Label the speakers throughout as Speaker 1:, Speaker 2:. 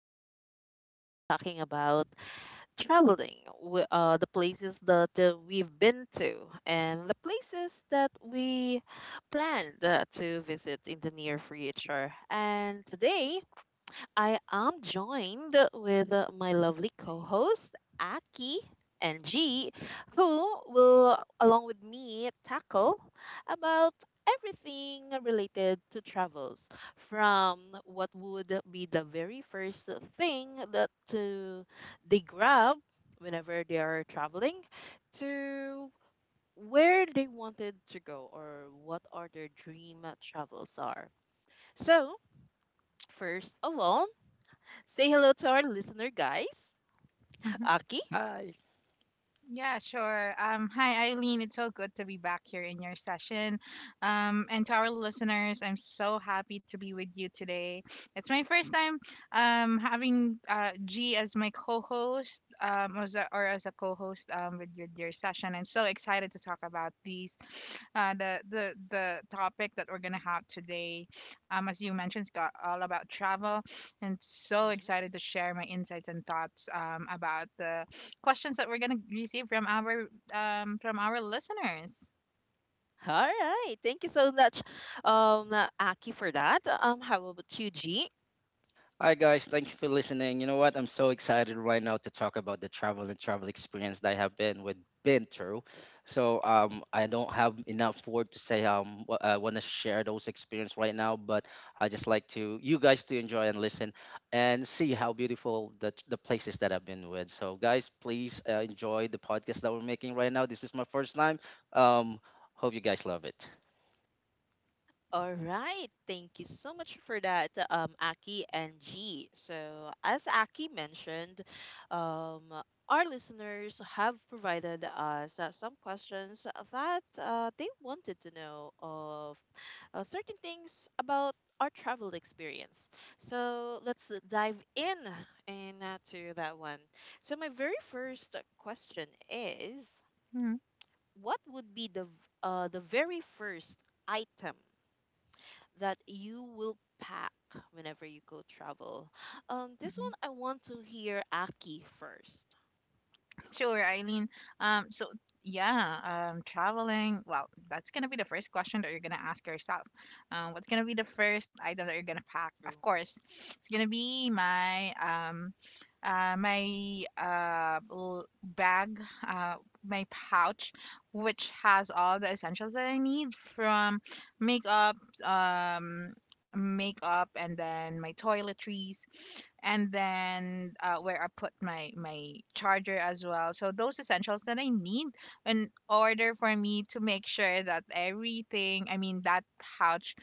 Speaker 1: where we will talking about traveling, the places that we've been to and the places that we planned to visit in the near future. And today I am joined with my lovely co host, Aki and G, who will, along with me, tackle about everything related to travels from what would be the very first thing that to they grab whenever they are traveling to where they wanted to go or what are their dream travels are. So first of all, say hello to our listener, guys.
Speaker 2: Mhm.
Speaker 1: Aki?
Speaker 3: Hi.
Speaker 2: Yeah, sure. Hi, Eileen. It's so good to be back here in your session. And to our listeners, I'm so happy to be with you today. It's my first time having G as my co-host, as a co-host with your session. I'm so excited to talk about these the topic that we're gonna have today. As you mentioned, it's got all about travel, and so
Speaker 1: Mhm.
Speaker 2: excited to share my insights and thoughts about the questions that we're going to receive from our listeners.
Speaker 1: All right. Thank you so much, um, Aki, for that. How about you, G?
Speaker 3: Hi guys, thank you for listening. You know what? I'm so excited right now to talk about the travel and travel experience that I have been with been through. So I don't have enough word to say I want to share those experience right now, but I just like to you guys to enjoy and listen and see how beautiful the places that I've been with. So guys, please enjoy the podcast that we're making right now. This is my first time. Um Hope you guys love it.
Speaker 1: All right. Thank you so much for that, Aki and G. So, as Aki mentioned, um, our listeners have provided us some questions that they wanted to know of certain things about our travel experience. So, let's dive in and to that one. So, my very first question is,
Speaker 2: Mhm.
Speaker 1: what would be the v- the very first item that you will pack whenever you go travel? This one I want to hear Aki first.
Speaker 2: Sure, Eileen. So yeah, traveling. Well, that's gonna be the first question that you're gonna ask yourself. What's gonna be the first item that you're gonna pack? Of
Speaker 1: True.
Speaker 2: course, it's gonna be my bag, uh, my pouch, which has all the essentials that I need from makeup, um, makeup, and then my toiletries, and then where I put my charger as well. So those essentials that I need in order for me to make sure that everything, I mean, that pouch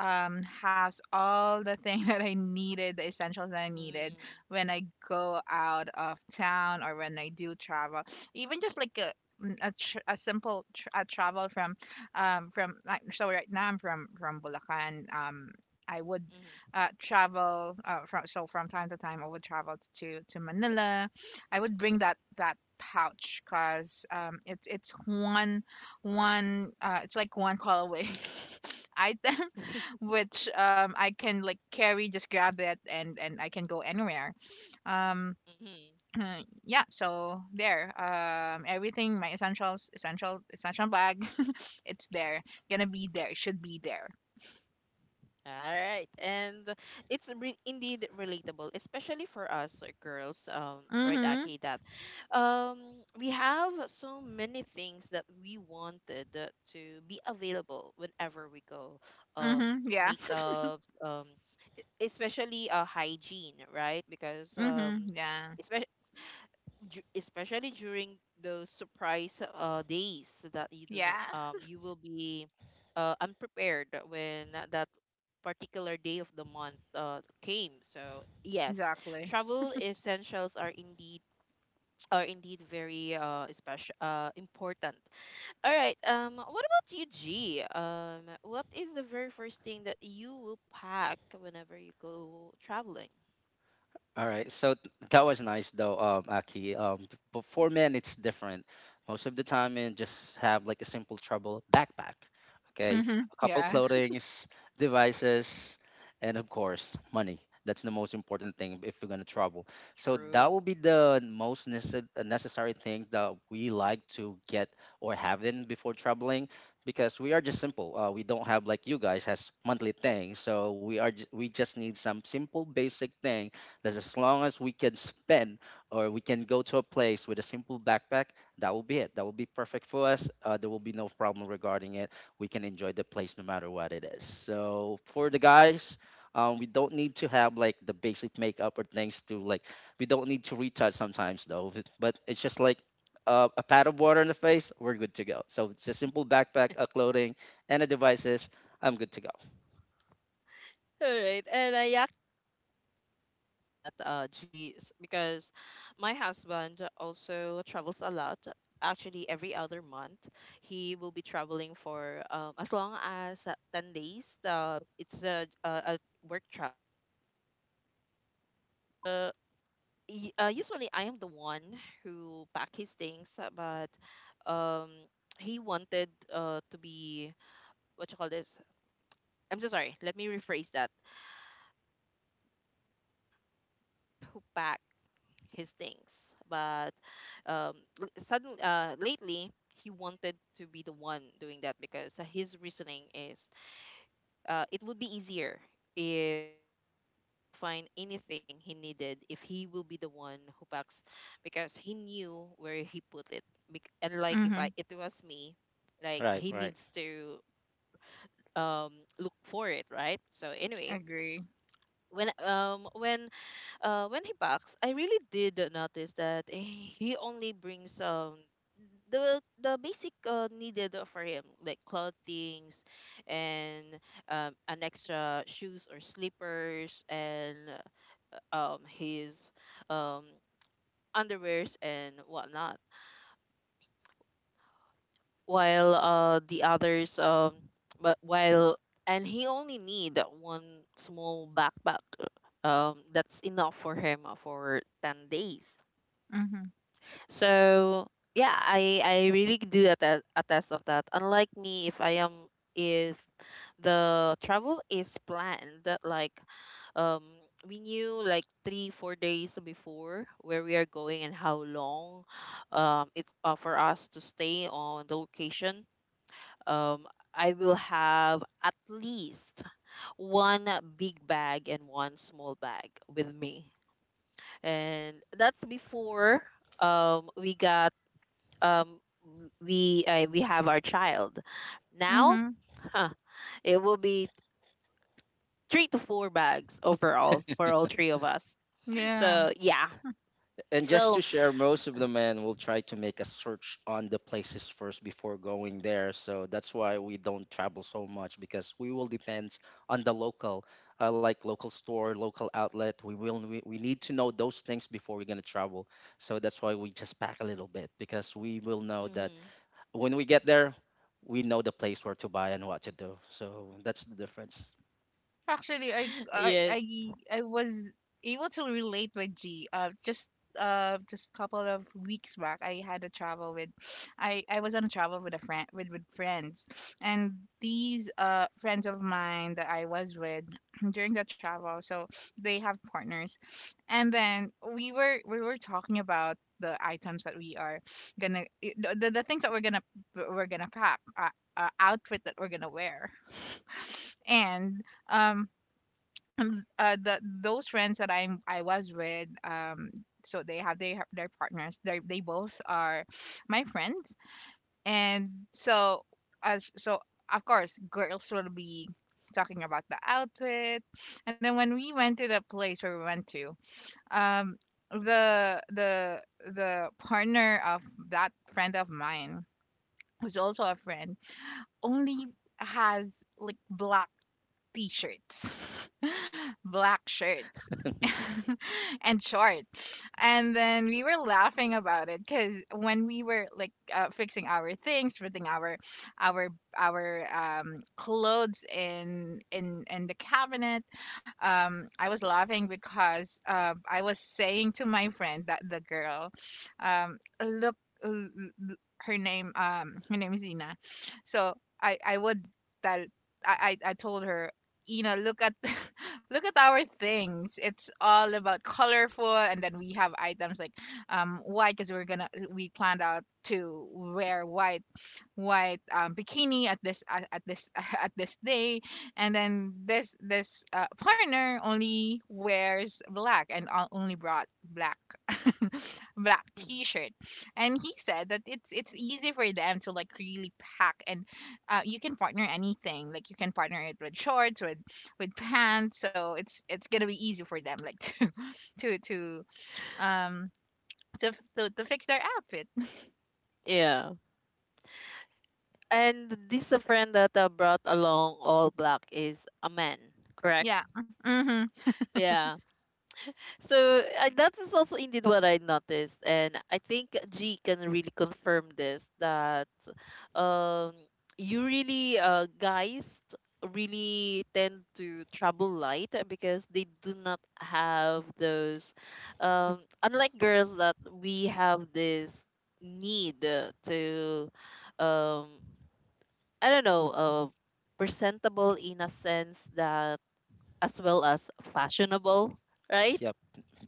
Speaker 2: has all the thing that I needed, the essentials that I needed when I go out of town or when I do travel. Even just like a simple tr- a travel from like, so right now I'm from Bulacan. I would
Speaker 1: Mm-hmm.
Speaker 2: travel from so from time to time I would travel to Manila. I would bring that pouch because it's one it's like one call away item which I can like carry, just grab it, and I can go anywhere. Um,
Speaker 1: Mm-hmm.
Speaker 2: yeah, so there. Everything, my essential bag, it's there. Gonna be there. Should be there.
Speaker 1: All right. And indeed relatable, especially for us girls, right,
Speaker 2: Mhm.
Speaker 1: Aki, that we have so many things that we wanted to be available whenever we go. Um,
Speaker 2: Mhm. Yeah.
Speaker 1: makeups, especially hygiene, right? Because
Speaker 2: Mhm, yeah.
Speaker 1: especially during those surprise days that you do not
Speaker 2: Yeah,
Speaker 1: you will be unprepared when that particular day of the month came. So yes,
Speaker 2: exactly.
Speaker 1: travel essentials are indeed very special important. All right, um, what about you, G? Um, what is the very first thing that you will pack whenever you go traveling?
Speaker 3: All right, so that was nice though, Aki. But for men, it's different. Most of the time, men just have like a simple trouble backpack, okay?
Speaker 2: Mhm,
Speaker 3: A couple
Speaker 2: yeah.
Speaker 1: hmm
Speaker 3: clothings, devices, and of course, money. That's the most important thing if we are gonna travel. So that
Speaker 1: True.
Speaker 3: will be the most necessary thing that we like to get or have in before traveling, because we are just simple. We don't have like you guys has monthly things, so we are we just need some simple basic thing as long as we can spend or we can go to a place with a simple backpack, that will be it. That will be perfect for us. There will be no problem regarding it. We can enjoy the place no matter what it is. So for the guys, we don't need to have like the basic makeup or things to like. We don't need to retouch sometimes though. But it's just like a pad of water in the face, we're good to go. So just simple backpack, clothing, and the devices. I'm good to go.
Speaker 1: All right, and I actually attest to that, G, because my husband also travels a lot. Actually, every other month, he will be traveling for as long as 10 days. It's a work travel. And usually, I am the one who pack his things, but um, he wanted to be, what you call this? I'm so sorry, let me rephrase that before I am the one who packed his things, but um, suddenly, lately he wanted to be the one doing that because his reasoning is it would be easier for him to find anything he needed if he will be the one who packs because he knew where he put it. And like if I it
Speaker 2: Mhm,
Speaker 1: was me, like he needs
Speaker 3: Right, right.
Speaker 1: to um look for it, right? So anyway,
Speaker 2: agree.
Speaker 1: when um when when he packs, I really did notice that he only brings the basic needed for him, like clothings and an extra shoes or slippers and his um underwears and whatnot. While the others but while and he only need one small backpack that's enough for him for 10 days.
Speaker 2: Mhm,
Speaker 1: So yeah, I really do attest of that. Unlike me, if I am if the travel is planned, like um we knew like 3 4 days before where we are going and how long it's for us to stay on the location. Um, I will have at least one big bag and one small bag with me, and that's before um we got um we have our child now.
Speaker 2: mhm,
Speaker 1: Huh, it will be three to four bags overall for all three of us,
Speaker 2: yeah.
Speaker 1: so yeah.
Speaker 3: And just to
Speaker 1: Well,
Speaker 3: share, most of the men will try to make a search on the places first before going there. So that's why we don't travel so much because we will depend on the local, like local store, local outlet. We need to know those things before we're gonna travel. So that's why we just pack a little bit because we will know that
Speaker 1: mm,
Speaker 3: when we get there, we know the place where to buy and what to do. So that's the difference.
Speaker 2: Actually, I I
Speaker 1: yes.
Speaker 2: I I was able to relate with G. Just couple of weeks back, I had a travel with, I was on a travel with a friend, with friends, and these friends of mine that I was with during the travel. So they have partners, and then we were talking about the items that we are gonna eh, the things that we're gonna pack, outfit that we're gonna wear. And um the those friends that I was with, so they have their partners, they both are my friends. And so, as so of course, girls will be talking about the outfit. And then when we went to the place where we went to, um the partner of that friend of mine who's also a friend, only has like black t-shirts, black shirts, and short. And then we were laughing about it because when we were like fixing our things, putting our our clothes in in the cabinet, I was laughing because I was saying to my friend that the girl, um, look, l- l- her name, her name is Ina. So I would tell, I told her, you know, look at look at our things, it's all about colorful. And then we have items like white, because we planned out to wear white, white bikini at this at this day. And then this partner only wears black, and only brought black black t-shirt. And he said that it's easy for them to like really pack, and you can partner anything, like you can partner it with shorts, with pants. So it's gonna be easy for them, like to to to um to fix their outfit.
Speaker 1: Yeah, and this a friend that brought along all black is a man, correct?
Speaker 2: Yeah. Mhm.
Speaker 1: Yeah. So that is also indeed what I noticed, and I think G can really confirm this that um you really guys really tend to trouble light because they do not have those unlike girls that we have this need to um I don't know, presentable in a sense that as well as fashionable, right?
Speaker 3: Yep,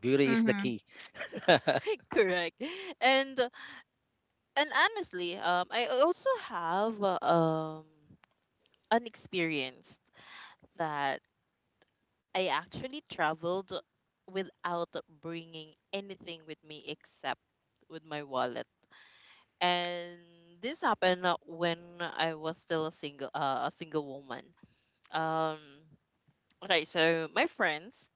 Speaker 3: beauty is the
Speaker 2: Mhm.
Speaker 3: key.
Speaker 1: Correct. and and honestly, I also have an experience that I actually traveled without bringing anything with me except with my wallet. And this happened when I was still a single woman. Um, okay, so my friends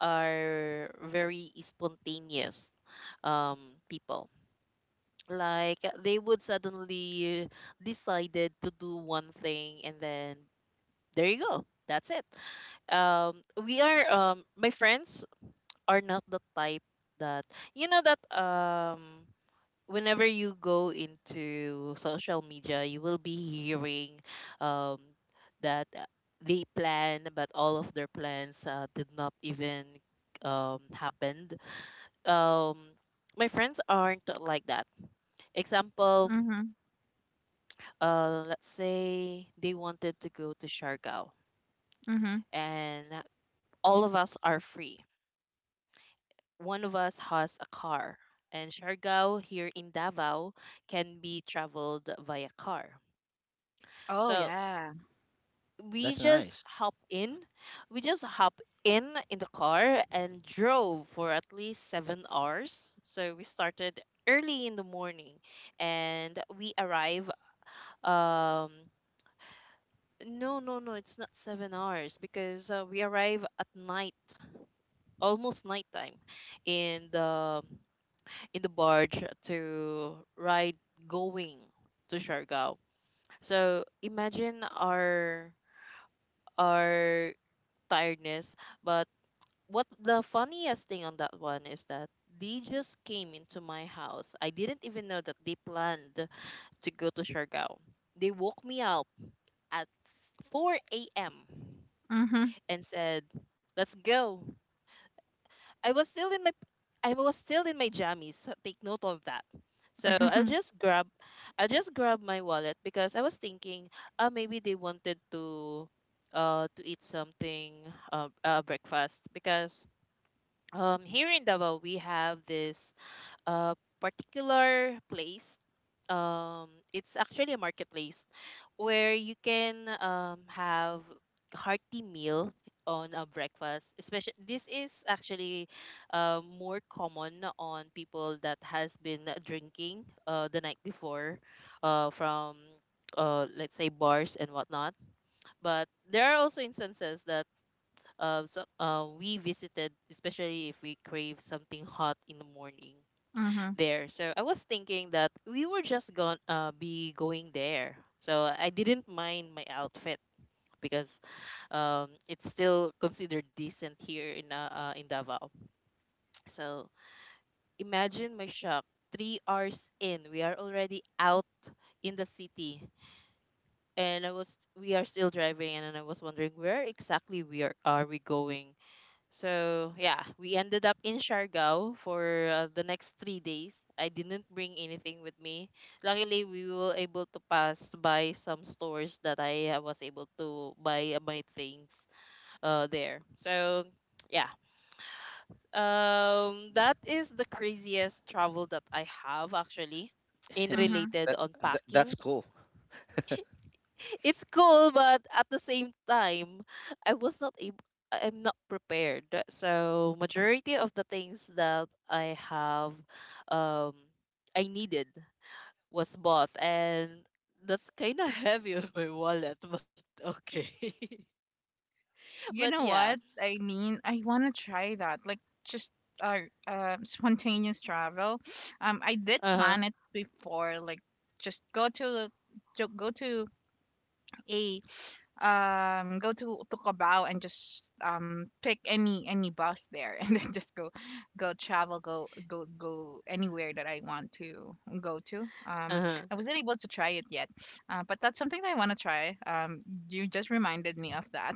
Speaker 1: are very spontaneous people. Like they would suddenly decided to do one thing and then there you go. That's it. We are My friends are not the type that you know that whenever you go into social media you will be hearing um that they plan, but all of their plans did not even happened. Um, my friends aren't like that. Example,
Speaker 2: Mhm.
Speaker 1: let's say they wanted to go to Siargao,
Speaker 2: Mhm.
Speaker 1: and all of us are free, one of us has a car, and Siargao here in Davao can be traveled via car.
Speaker 2: Oh,
Speaker 1: So
Speaker 2: yeah.
Speaker 1: we
Speaker 3: That's
Speaker 1: just
Speaker 3: nice.
Speaker 1: hop in, we just hop in the car and drove for at least 7 hours. So we started early in the morning, and we arrive. Um, no, no, no, it's not 7 hours because we arrive at night, almost nighttime, in the barge to ride going to Siargao. So imagine our our tiredness. But what the funniest thing on that one is that they just came into my house. I didn't even know that they planned to go to Siargao. They woke me up at 4 a.m.
Speaker 2: Mhm.
Speaker 1: and said, "Let's go." I was still in my I was still in my jammies. So take note of that. So
Speaker 2: Mhm.
Speaker 1: I'll just grab my wallet because I was thinking maybe they wanted to eat something, breakfast, because here in Davao we have this a particular place. It's actually a marketplace where you can have hearty meal on a breakfast. Especially this is actually more common on people that has been drinking the night before from let's say bars and whatnot. But there are also instances that we visited, especially if we crave something hot in the morning
Speaker 2: Mhm.
Speaker 1: there. So I was thinking that we were just gonna be going there. So I didn't mind my outfit because it's still considered decent here in Davao. So imagine my shock. 3 hours in, we are already out in the city, and I was we are still driving, and I was wondering where exactly we are we going. So yeah, we ended up in Siargao for the next 3 days. I didn't bring anything with me. Luckily, we were able to pass by some stores that I was able to buy my things there. So yeah, that is the craziest travel that I have actually in
Speaker 2: Mhm.
Speaker 1: related
Speaker 3: that,
Speaker 1: on
Speaker 3: that's
Speaker 1: packing.
Speaker 3: cool.
Speaker 1: It's cool, but at the same time, I was not able. I'm not prepared. So majority of the things that I have, um, I needed was bought, and that's kind of heavy on my wallet. But okay, but
Speaker 2: You know
Speaker 1: yeah.
Speaker 2: what I mean, I want to try that, like just uh, spontaneous travel. I did
Speaker 1: Uh huh.
Speaker 2: plan it before, like just go to go to a, go to Cabao, and just pick any bus there, and then just go travel, go anywhere that I want to go to.
Speaker 1: Uh huh.
Speaker 2: I wasn't able to try it yet, but that's something that I want to try. You just reminded me of that.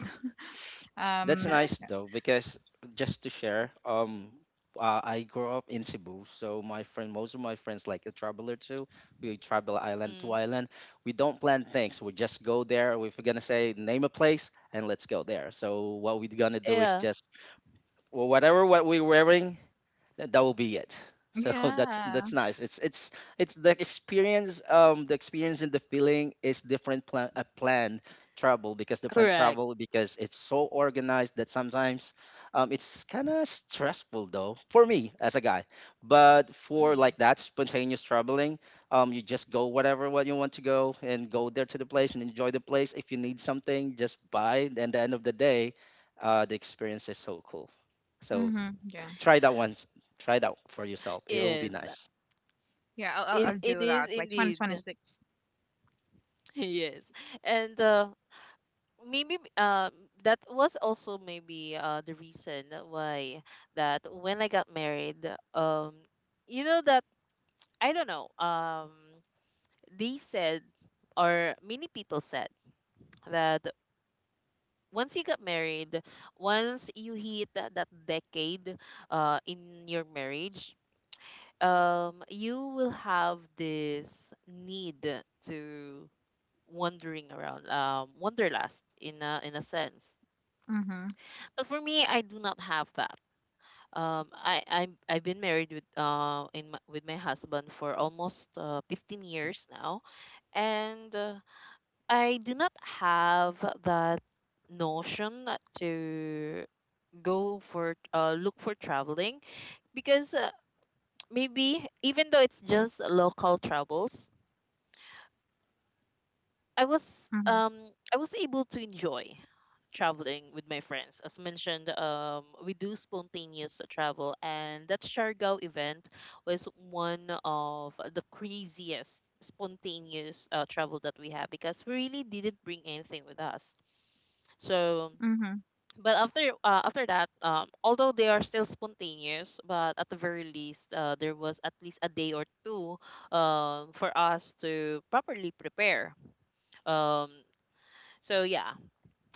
Speaker 3: That's
Speaker 2: um
Speaker 3: nice though, because just to share, I grew up in Cebu, so my friend, most of my friends, like a traveler too, we travel island to
Speaker 1: Mm,
Speaker 3: island. We don't plan things. We just go there. If we're gonna say name a place and let's go there. So what we're gonna do is
Speaker 1: yeah.
Speaker 3: just well, whatever what we're wearing. That that will be it. So
Speaker 2: yeah.
Speaker 3: that's nice. It's the experience. The experience and the feeling is different. Planned travel because different
Speaker 1: Correct.
Speaker 3: travel because it's so organized that sometimes, it's kind of stressful though for me as a guy. But for
Speaker 1: Mm-hmm.
Speaker 3: like that spontaneous traveling, you just go whatever what you want to go and go there to the place and enjoy the place. If you need something, just buy it. And at the end of the day, the experience is so cool. So
Speaker 2: Mm-hmm. Yeah,
Speaker 3: try that once. Try that for yourself. It will be
Speaker 1: Yes.
Speaker 3: nice.
Speaker 2: yeah,
Speaker 1: It
Speaker 2: I'll
Speaker 1: it
Speaker 2: do
Speaker 1: is
Speaker 2: that by
Speaker 1: indeed.
Speaker 2: 2026.
Speaker 1: Yes. And maybe that was also maybe the reason why that when I got married, um you know that I don't know they said or many people said that once you got married, once you hit that decade in your marriage, you will have this need to wandering around, wanderlust in a sense.
Speaker 2: Mm-hmm.
Speaker 1: But for me, I do not have that. I've been married with with my husband for almost 15 years now, and I do not have that notion to go for look for traveling because maybe even though it's just local travels,
Speaker 2: Mm-hmm.
Speaker 1: I was able to enjoy traveling with my friends. As mentioned, we do spontaneous travel, and that Siargao event was one of the craziest spontaneous travel that we had because we really didn't bring anything with us. So,
Speaker 2: Mm-hmm.
Speaker 1: but after that, although they are still spontaneous, but at the very least, there was at least a day or two for us to properly prepare. Um, so yeah.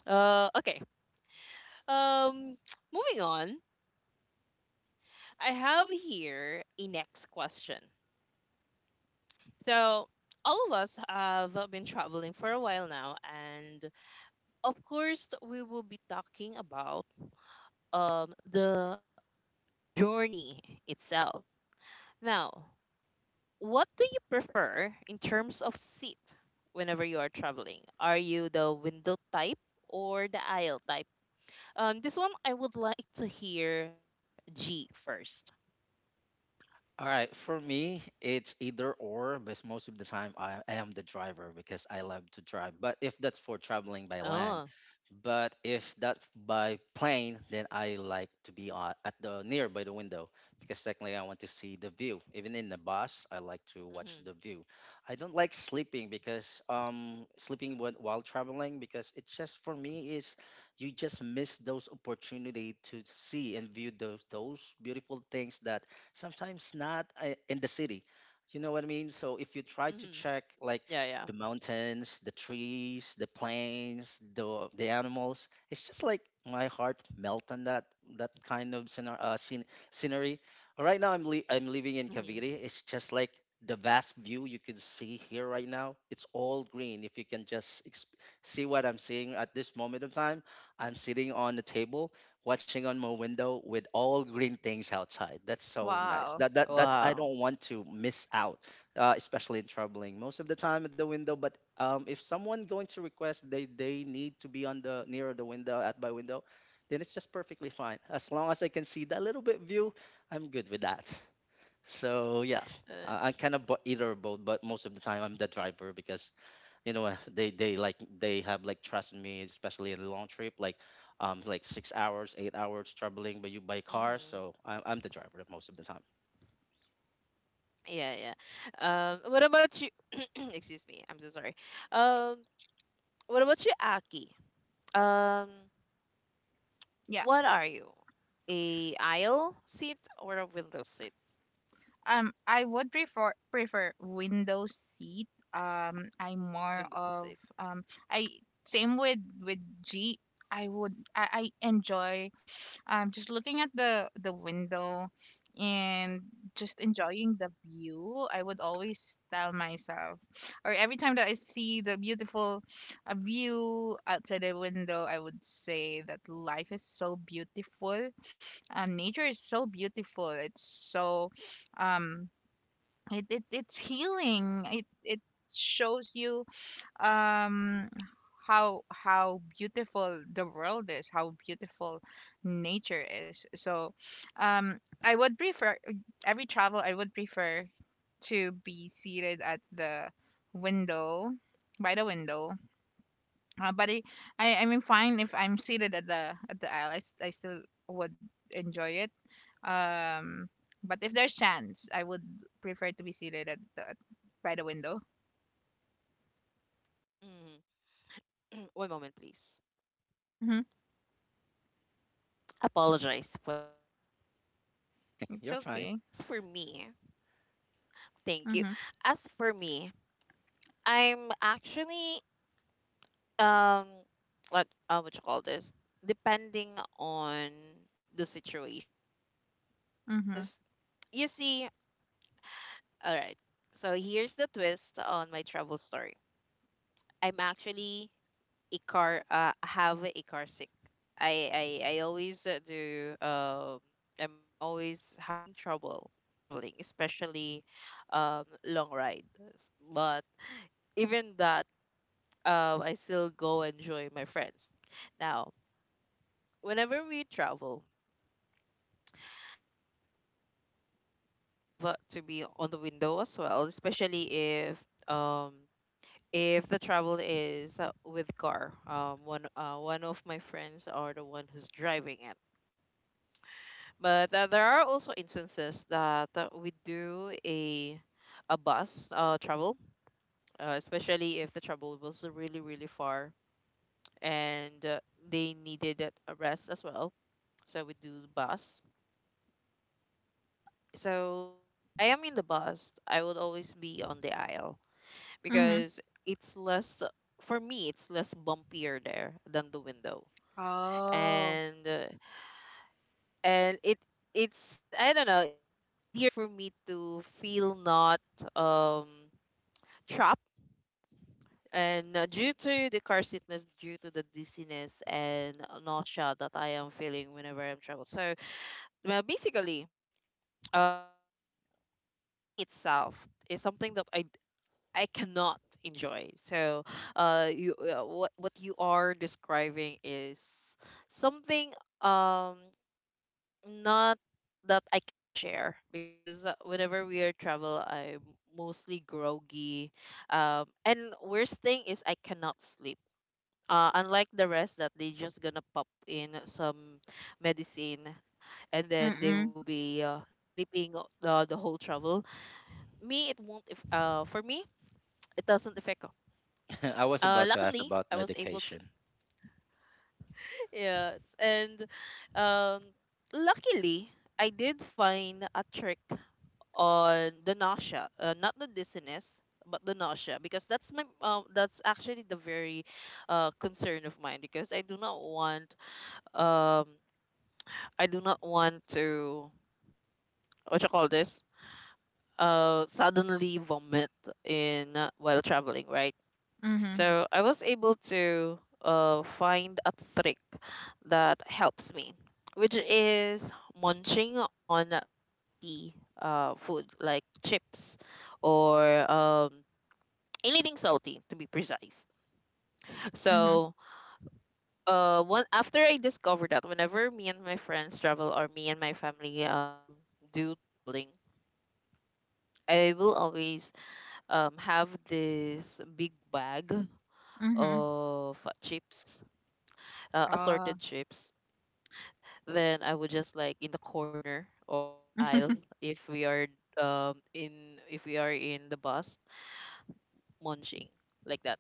Speaker 1: Okay. Um moving on. I have here a next question. So all of us have been traveling for a while now, and of course we will be talking about the journey itself. Now, what do you prefer in terms of seat whenever you are traveling? Are you the window type or the aisle type? Um, this one I would like to hear G first.
Speaker 3: All right, for me, it's either or, but most of the time I am the driver because I love to drive. But if that's for traveling by
Speaker 1: Oh.
Speaker 3: land, but if that's by plane, then I like to be on, at the near by the window because technically I want to see the view. Even in the bus, I like
Speaker 1: Mhm.
Speaker 3: to watch the view. I don't like sleeping because sleeping when, while traveling because it's just for me is you just miss those opportunity to see and view those beautiful things that sometimes not in the city. You know what I mean? So if you
Speaker 1: Mhm.
Speaker 3: try to
Speaker 1: Yeah,
Speaker 3: check
Speaker 1: yeah.
Speaker 3: like the mountains, the trees, the plains, the animals, it's just like my heart melt on that kind of scenery. Right now I'm living
Speaker 1: Mhm.
Speaker 3: in Cavite. It's just like the vast view you can see here right now. It's all green. If you can just see what I'm seeing at this moment of time, I'm sitting on the table watching on my window with all green things outside. That's so nice.
Speaker 2: Wow.
Speaker 3: That's
Speaker 1: Wow.
Speaker 3: I don't want to miss out, especially in traveling. Most of the time at the window, but if someone going to request they need to be on the near the window at my window, then it's just perfectly fine. As long as I can see that little bit view, I'm good with that. So yeah,
Speaker 1: Uh,
Speaker 3: I kind of either or both, but most of the time I'm the driver because you know they have like trust in me especially in a long trip like 6 hours 8 hours traveling by you by car.
Speaker 1: mhm.
Speaker 3: So I'm the driver most of the time.
Speaker 1: Yeah, yeah. What about you? Excuse me. I'm so sorry. Um, what about you, Aki? Um,
Speaker 2: Yeah.
Speaker 1: what are you? A Aisle seat or a window seat?
Speaker 2: I would prefer window seat. I'm more
Speaker 1: Window seat.
Speaker 2: of I same with G. I enjoy just looking at the window and just enjoying the view. I would always tell myself, or every time that I see the beautiful view outside the window, I would say that life is so beautiful, nature is so beautiful. It's so um it it's healing. It shows you um how beautiful the world is, how beautiful nature is. So um i would prefer I would prefer to be seated at the window, by the window. But I mean, fine, if I'm seated at the aisle, I still would enjoy it. Um, but if there's chance, I would prefer to be seated at by the window.
Speaker 1: Mhm. One moment, please.
Speaker 2: Mhm.
Speaker 1: Apologize for that. All right.
Speaker 2: It's
Speaker 3: You're
Speaker 1: As
Speaker 3: fine.
Speaker 2: okay.
Speaker 1: for me, thank you.
Speaker 2: Mhm.
Speaker 1: As for me, I'm actually um what you call this, depending on the situation, because
Speaker 2: Mhm.
Speaker 1: you see, all right, so here's the twist on my travel story. I'm actually a car have a car sick. i I always do I'm always having trouble traveling, especially long rides. But even that, I still go enjoy my friends. Now whenever we travel, I would always love to be on the window as well, especially if the travel is with car. One of my friends are the one who's driving it. But there are also instances that we do a bus travel, especially if the travel was really really far, and they needed a rest as well. So we do the bus. But so if I am in the bus, I would always be on the aisle
Speaker 2: Mhm.
Speaker 1: because it's less for me, it's less bumpier there than the window.
Speaker 2: Oh.
Speaker 1: And uh, and it it's, I don't know, it's easier for me to feel not um trapped, and due to the car sickness, due to the dizziness and nausea that I am feeling whenever I'm travel. So well, basically, the travel itself, the journey itself is something that I cannot enjoy. So, you what you are describing is something um not that I can share, because whenever we are travel, I'm mostly groggy. And worst thing is I cannot sleep. Unlike the rest that they just gonna pop in some medicine, and then they
Speaker 2: Mm-mm.
Speaker 1: will be sleeping the whole travel. Me, it won't. If for me, it doesn't affect.
Speaker 3: I was about to ask
Speaker 1: Luckily,
Speaker 3: about
Speaker 1: I was able to,
Speaker 3: medication.
Speaker 1: yes, and um luckily I did find a trick on the nausea, not the dizziness but the nausea, because that's my that's actually the very concern of mine, because I do not want, um I do not want to, what you call this, suddenly vomit in while traveling, right?
Speaker 2: Mhm.
Speaker 1: So I was able to find a trick that helps me, which is munching on salty food like chips, or anything salty to be precise.
Speaker 2: Mhm.
Speaker 1: So one after I discovered that, whenever me and my friends travel, or me and my family do traveling, I will always have this big bag
Speaker 2: Mhm.
Speaker 1: of chips,
Speaker 2: Oh.
Speaker 1: assorted chips. Then I would just like in the corner or in the aisle, if we are in if we are in the bus, munching like that.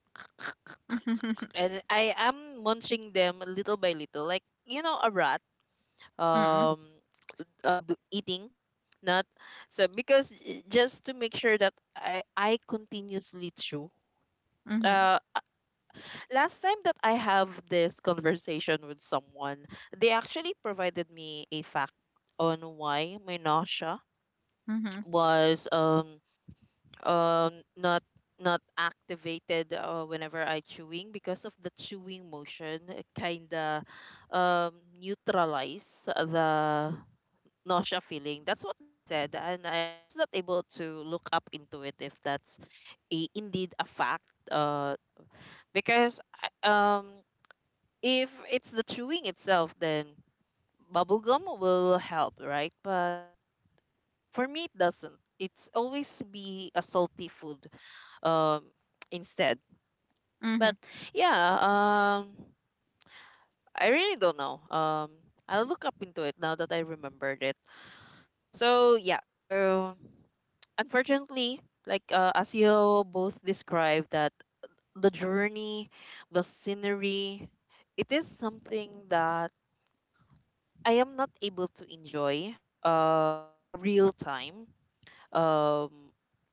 Speaker 1: And I am munching them little by little, like, you know, a rat,
Speaker 2: Mm-mm.
Speaker 1: um eating not so, because just to make sure that I continuously chew.
Speaker 2: Mhm.
Speaker 1: Uh, uh, Last time that I have this conversation with someone, they actually provided me a fact on why my nausea
Speaker 2: Mhm.
Speaker 1: was um not not activated whenever I chewing, because of the chewing motion kind of um neutralize the nausea feeling. That's what they said, and I was not able to look up into it if that's a, indeed a fact. Because if it's the chewing itself, then bubble gum will help, right? But for me, it doesn't. It's always be a salty food um instead. But
Speaker 2: Mhm.
Speaker 1: yeah, I really don't know. I'll look up into it now that I remembered it. So yeah, so unfortunately, like as you both described, that the journey, the scenery, it is something that I am not able to enjoy um in real time, um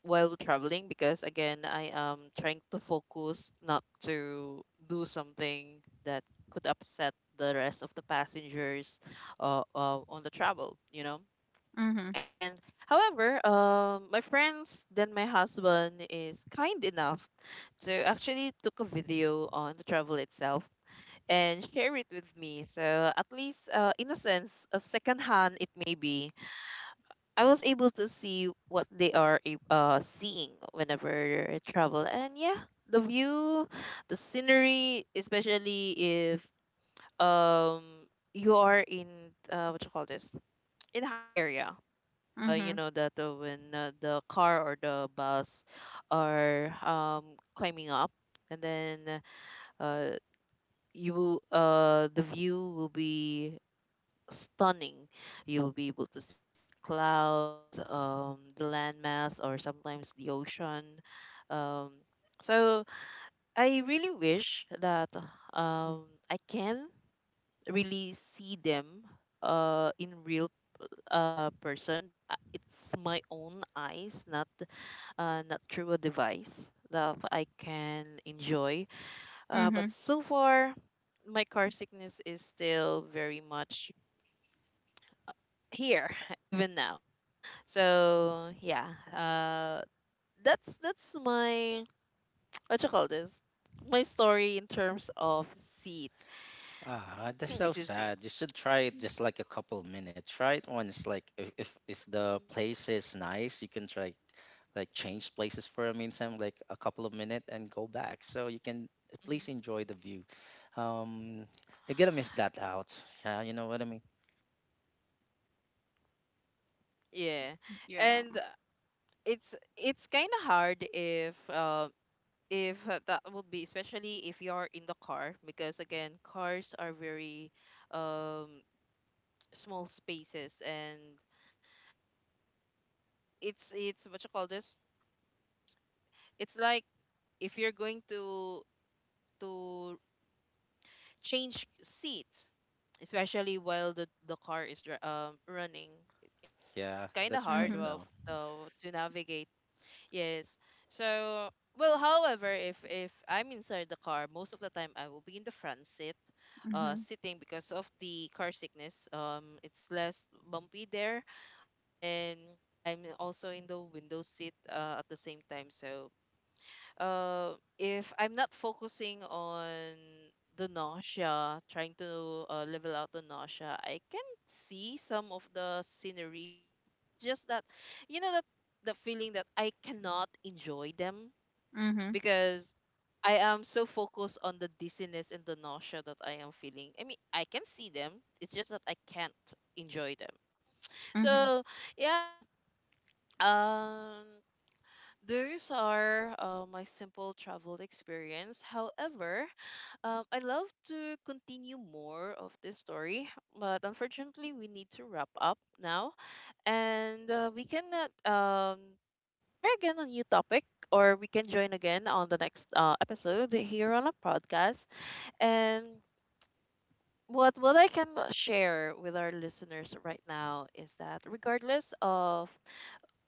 Speaker 1: while traveling, because again I am trying to focus not to do something that could upset the rest of the passengers on the travel, you know.
Speaker 2: Mhm.
Speaker 1: And however, my friends then my husband is kind enough to actually took a video on the travel itself and share it with me. So at least in a sense, a second hand, it may be I was able to see what they are seeing whenever I travel, and yeah, the view, the scenery, especially if um you are in what you call this, in high area.
Speaker 2: Mhm.
Speaker 1: You know that when the car or the bus are climbing up, and then uh the view will be stunning. You will be able to see the clouds, the landmass, or sometimes the ocean. Um, so I really wish that I can really see them in real person. That it's my own eyes, not not through a device that I can enjoy.
Speaker 2: Mhm.
Speaker 1: But so far, my car sickness is still very much here even now. So yeah, that's my what you call this, my story in terms of seat.
Speaker 3: Ah, that's so
Speaker 1: Excuse me.
Speaker 3: sad. You should try it
Speaker 1: Mhm.
Speaker 3: just like a couple minutes. Try it once like if the place is nice you can try like change places for a meantime like a couple of minutes and go back so you can at least enjoy the view. um you're gonna miss that out. Yeah, you know what I mean.
Speaker 1: Yeah,
Speaker 2: Yeah.
Speaker 1: and it's kind of hard if that would be, especially if you're in the car, because again cars are very um small spaces, and it's what you call this. It's like, if you're going to to change seats, especially while the car is running. It's
Speaker 3: Yeah,
Speaker 1: kind of
Speaker 3: that's
Speaker 1: hard
Speaker 3: mine
Speaker 2: Mhm.
Speaker 1: of
Speaker 3: now.
Speaker 1: to navigate. Yes. So, well, however, if I'm inside the car, most of the time I will be in the front seat,
Speaker 2: Mhm.
Speaker 1: sitting, because of the car sickness. It's less bumpy there, and I'm also in the window seat at the same time. So if I'm not focusing on the nausea, trying to level out the nausea, I can see some of the scenery. Oh, it's just that, you know, that the feeling that I cannot enjoy them
Speaker 2: Mhm.
Speaker 1: because I am so focused on the dizziness and the nausea that I am feeling. I mean, I can see them. It's just that I can't enjoy them.
Speaker 2: Mhm.
Speaker 1: So yeah. Um. Those are my simple travel experience. However, I love to continue more of this story, but unfortunately, we need to wrap up now, and we cannot try again a new topic, or we can join again on the next episode here on a podcast. And what I can share with our listeners right now is that, regardless of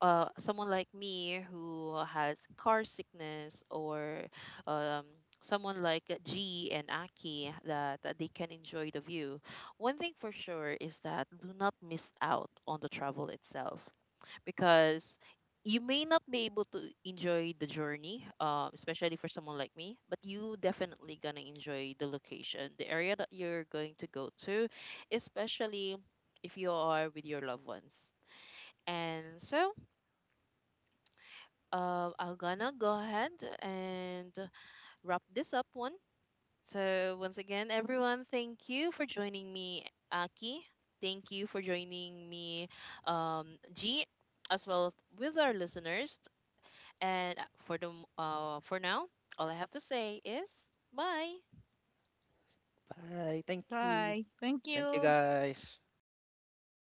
Speaker 1: someone like me who has car sickness, or um, someone like G and Aki that, that they can enjoy the view. One thing for sure is that do not miss out on the travel itself, because you may not be able to enjoy the journey, especially for someone like me, but you definitely gonna enjoy the location, the area that you're going to go to, especially if you are with your loved ones. And so I'm gonna go ahead and wrap this up one. So once again, everyone, thank you for joining me, Aki. Thank you for joining me, G, as well with our listeners. And for now, all I have to say is bye.
Speaker 3: Bye. Thank you.
Speaker 2: Bye. Thank
Speaker 3: Thank you,
Speaker 2: you.
Speaker 3: guys.